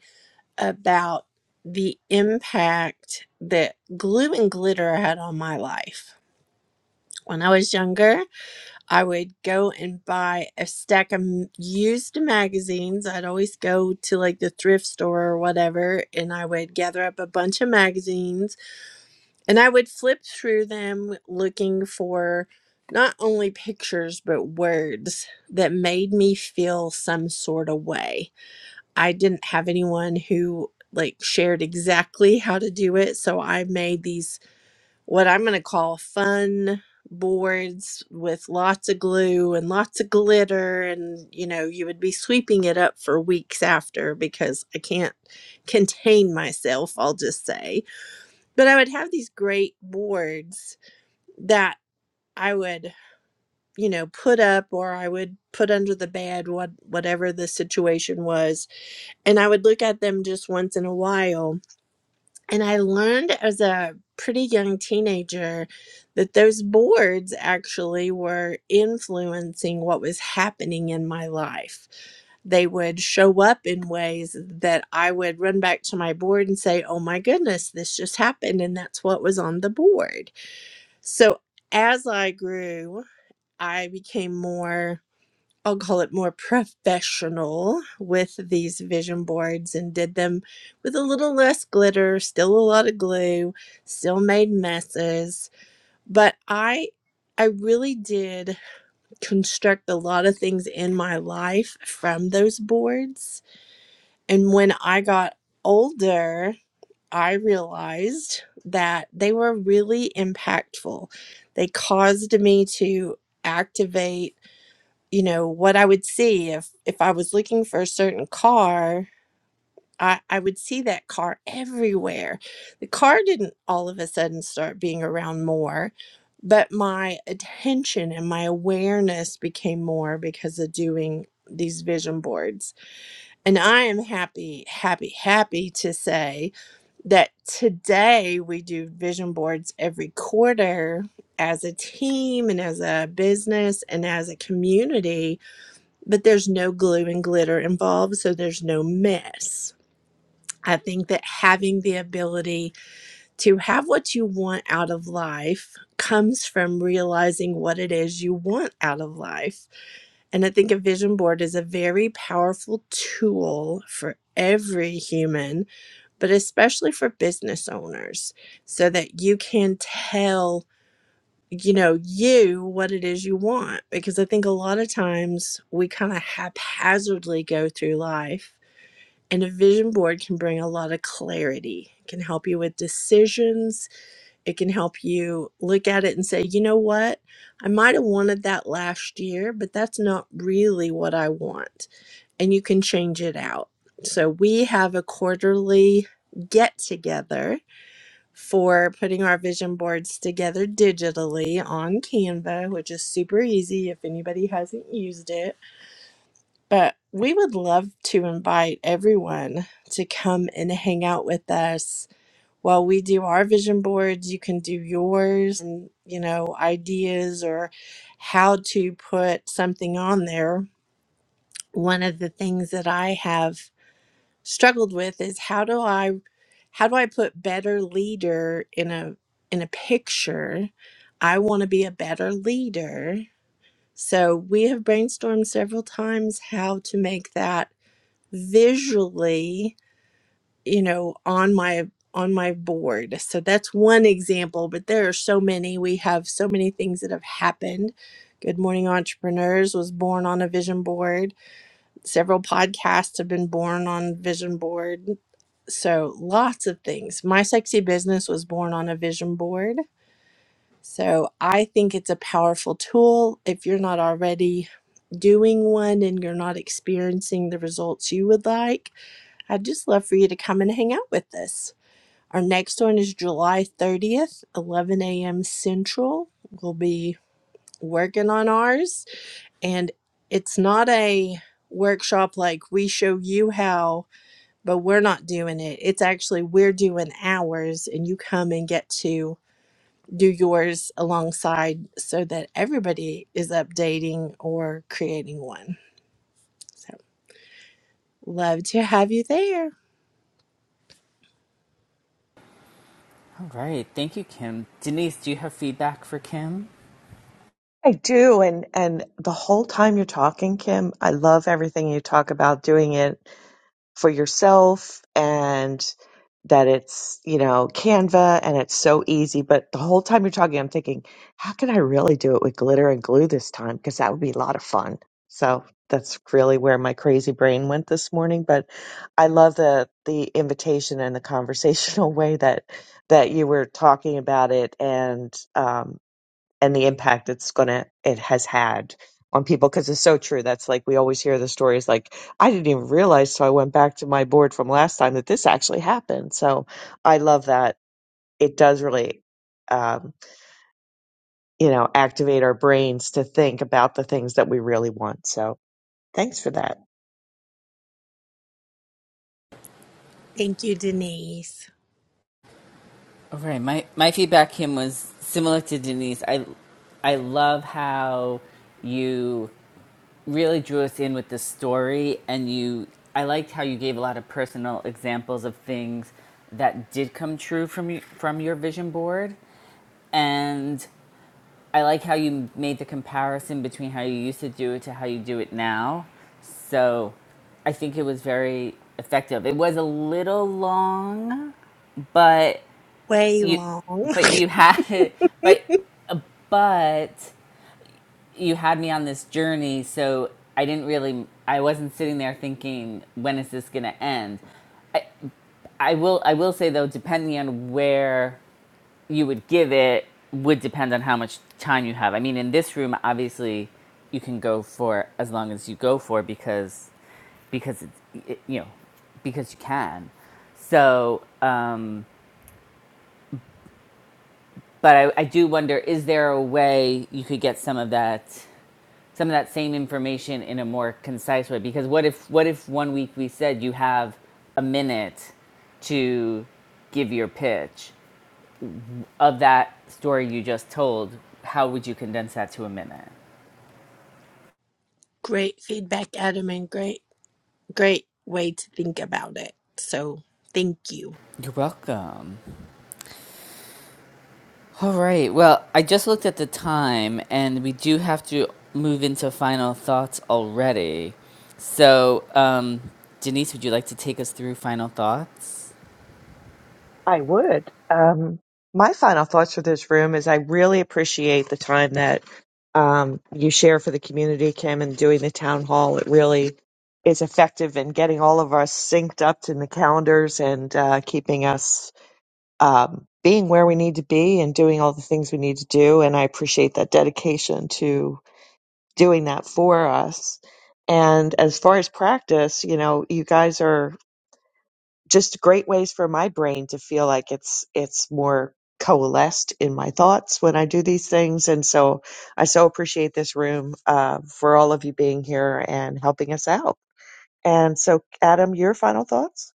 about the impact that glue and glitter had on my life. When I was younger, I would go and buy a stack of m- used magazines. I'd always go to like the thrift store or whatever, and I would gather up a bunch of magazines And I would flip through them looking for not only pictures, but words that made me feel some sort of way. I didn't have anyone who like shared exactly how to do it. So I made these, what I'm going to call fun boards with lots of glue and lots of glitter. And, you know, you would be sweeping it up for weeks after because I can't contain myself, I'll just say but I would have these great boards that I would, you know, put up or I would put under the bed, what whatever the situation was, and I would look at them just once in a while. And I learned as a pretty young teenager that those boards actually were influencing what was happening in my life. They would show up in ways that I would run back to my board and say, Oh my goodness, this just happened. And that's what was on the board so as I grew, I became more, I'll call it more professional with these vision boards and did them with a little less glitter, still a lot of glue, still made messes, but I I really did construct a lot of things in my life from those boards. And when I got older, I realized that they were really impactful. They caused me to activate, you know, what I would see if if I was looking for a certain car, I, I would see that car everywhere. The car didn't all of a sudden start being around more, but my attention and my awareness became more because of doing these vision boards. And I am happy, happy, happy to say that today we do vision boards every quarter as a team and as a business and as a community, but there's no glue and glitter involved, so there's no mess. I think that having the ability to have what you want out of life comes from realizing what it is you want out of life and I think a vision board is a very powerful tool for every human, but especially for business owners, so that you can tell, you know, you what it is you want. Because I think a lot of times we kind of haphazardly go through life, and a vision board can bring a lot of clarity, it can help you with decisions, it can help you look at it and say, you know what? I might have wanted that last year, but that's not really what I want. And you can change it out. So we have a quarterly get together for putting our vision boards together digitally on Canva, which is super easy if anybody hasn't used it. But we would love to invite everyone to come and hang out with us while we do our vision boards, you can do yours and, you know, ideas or how to put something on there. One of the things that I have struggled with is how do I how do I put better leader in a in a picture? I want to be a better leader. So we have brainstormed several times how to make that visually you know on my on my board so that's one example but there are so many we have so many things that have happened good morning entrepreneurs was born on a vision board several podcasts have been born on vision board so lots of things my sexy business was born on a vision board so i think it's a powerful tool if you're not already doing one and you're not experiencing the results you would like i'd just love for you to come and hang out with us our next one is July 30th, 11 a.m. Central. We'll be working on ours. And it's not a workshop like we show you how, but we're not doing it. It's actually we're doing ours, and you come and get to do yours alongside so that everybody is updating or creating one. So, love to have you there.
All right. Thank you, Kim. Denise, do you have feedback for Kim?
I do, and and the whole time you're talking, Kim, I love everything you talk about doing it for yourself and that it's, you know, Canva and it's so easy, but the whole time you're talking, I'm thinking, how can I really do it with glitter and glue this time? Because that would be a lot of fun. So that's really where my crazy brain went this morning, but I love the the invitation and the conversational way that that you were talking about it and um and the impact it's gonna it has had on people because it's so true. That's like we always hear the stories like I didn't even realize, so I went back to my board from last time that this actually happened. So I love that it does really, um, you know, activate our brains to think about the things that we really want. So thanks for that.
Thank you, Denise.
All right, my my feedback him was similar to Denise. I I love how you really drew us in with the story, and you I liked how you gave a lot of personal examples of things that did come true from you, from your vision board, and I like how you made the comparison between how you used to do it to how you do it now. So I think it was very effective. It was a little long, but
Way
you
long.
but you had it but uh, but you had me on this journey so i didn't really i wasn't sitting there thinking when is this going to end I, I will i will say though depending on where you would give it would depend on how much time you have i mean in this room obviously you can go for as long as you go for because because it's it, you know because you can so um but I, I do wonder is there a way you could get some of that some of that same information in a more concise way because what if what if one week we said you have a minute to give your pitch of that story you just told how would you condense that to a minute
Great feedback, Adam, and great, great way to think about it. So, thank you.
You're welcome. All right. Well, I just looked at the time and we do have to move into final thoughts already. So, um, Denise, would you like to take us through final thoughts?
I would. Um, my final thoughts for this room is I really appreciate the time that um, you share for the community, Kim, and doing the town hall. It really is effective in getting all of us synced up to the calendars and uh, keeping us um, being where we need to be and doing all the things we need to do. And I appreciate that dedication to doing that for us. And as far as practice, you know, you guys are just great ways for my brain to feel like it's it's more coalesced in my thoughts when I do these things. And so I so appreciate this room uh, for all of you being here and helping us out. And so, Adam, your final thoughts?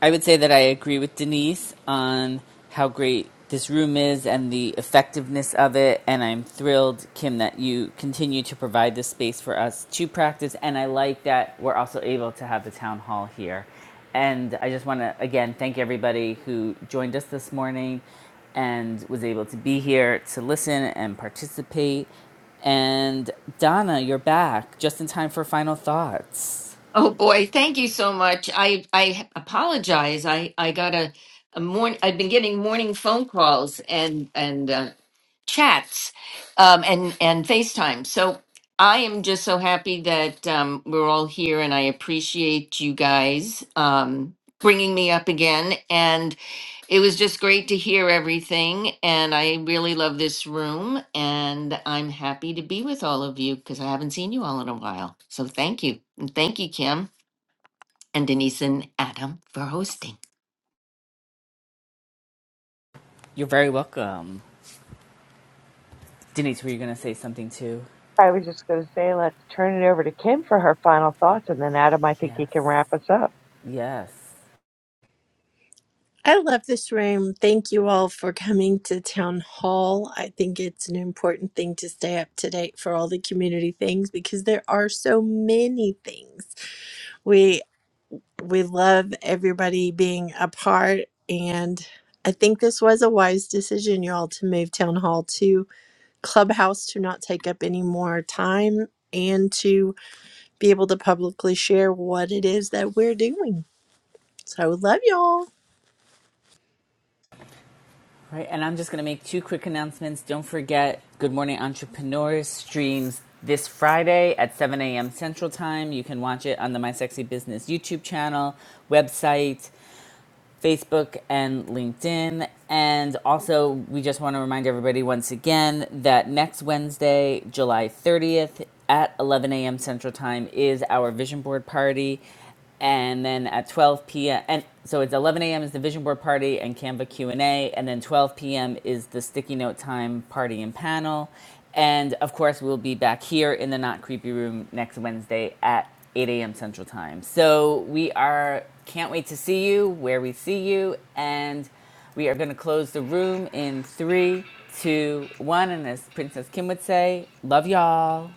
I would say that I agree with Denise on how great this room is and the effectiveness of it. And I'm thrilled, Kim, that you continue to provide this space for us to practice. And I like that we're also able to have the town hall here. And I just want to, again, thank everybody who joined us this morning and was able to be here to listen and participate. And Donna, you're back just in time for final thoughts.
Oh boy, thank you so much. I I apologize. I I got a a morning. I've been getting morning phone calls and and uh, chats, um and and FaceTime. So I am just so happy that um, we're all here, and I appreciate you guys um bringing me up again. It was just great to hear everything, and I really love this room, and I'm happy to be with all of you because I haven't seen you all in a while. So thank you. And thank you, Kim and Denise and Adam for hosting.
You're very welcome. Denise, were you going to say something too?
I was just going to say, let's turn it over to Kim for her final thoughts, and then Adam, I think
Yes.
he can wrap us up.
Yes.
I love this room. Thank you all for coming to Town Hall. I think it's an important thing to stay up to date for all the community things because there are so many things. We we love everybody being a part and I think this was a wise decision, y'all, to move Town Hall to Clubhouse to not take up any more time and to be able to publicly share what it is that we're doing. So I love y'all.
Right. And I'm just going to make two quick announcements. Don't forget Good Morning Entrepreneurs streams this Friday at 7 a.m. Central Time. You can watch it on the My Sexy Business YouTube channel, website, Facebook and LinkedIn. And also, we just want to remind everybody once again that next Wednesday, July 30th at 11 a.m. Central Time is our vision board party. And then at 12 p.m. and so it's 11 a.m. is the vision board party and Canva Q&A and A, and then 12 p.m. is the sticky note time party and panel. And of course, we'll be back here in the Not Creepy Room next Wednesday at 8 a.m. Central Time. So we are can't wait to see you where we see you. And we are going to close the room in three, two, one. And as Princess Kim would say, love y'all.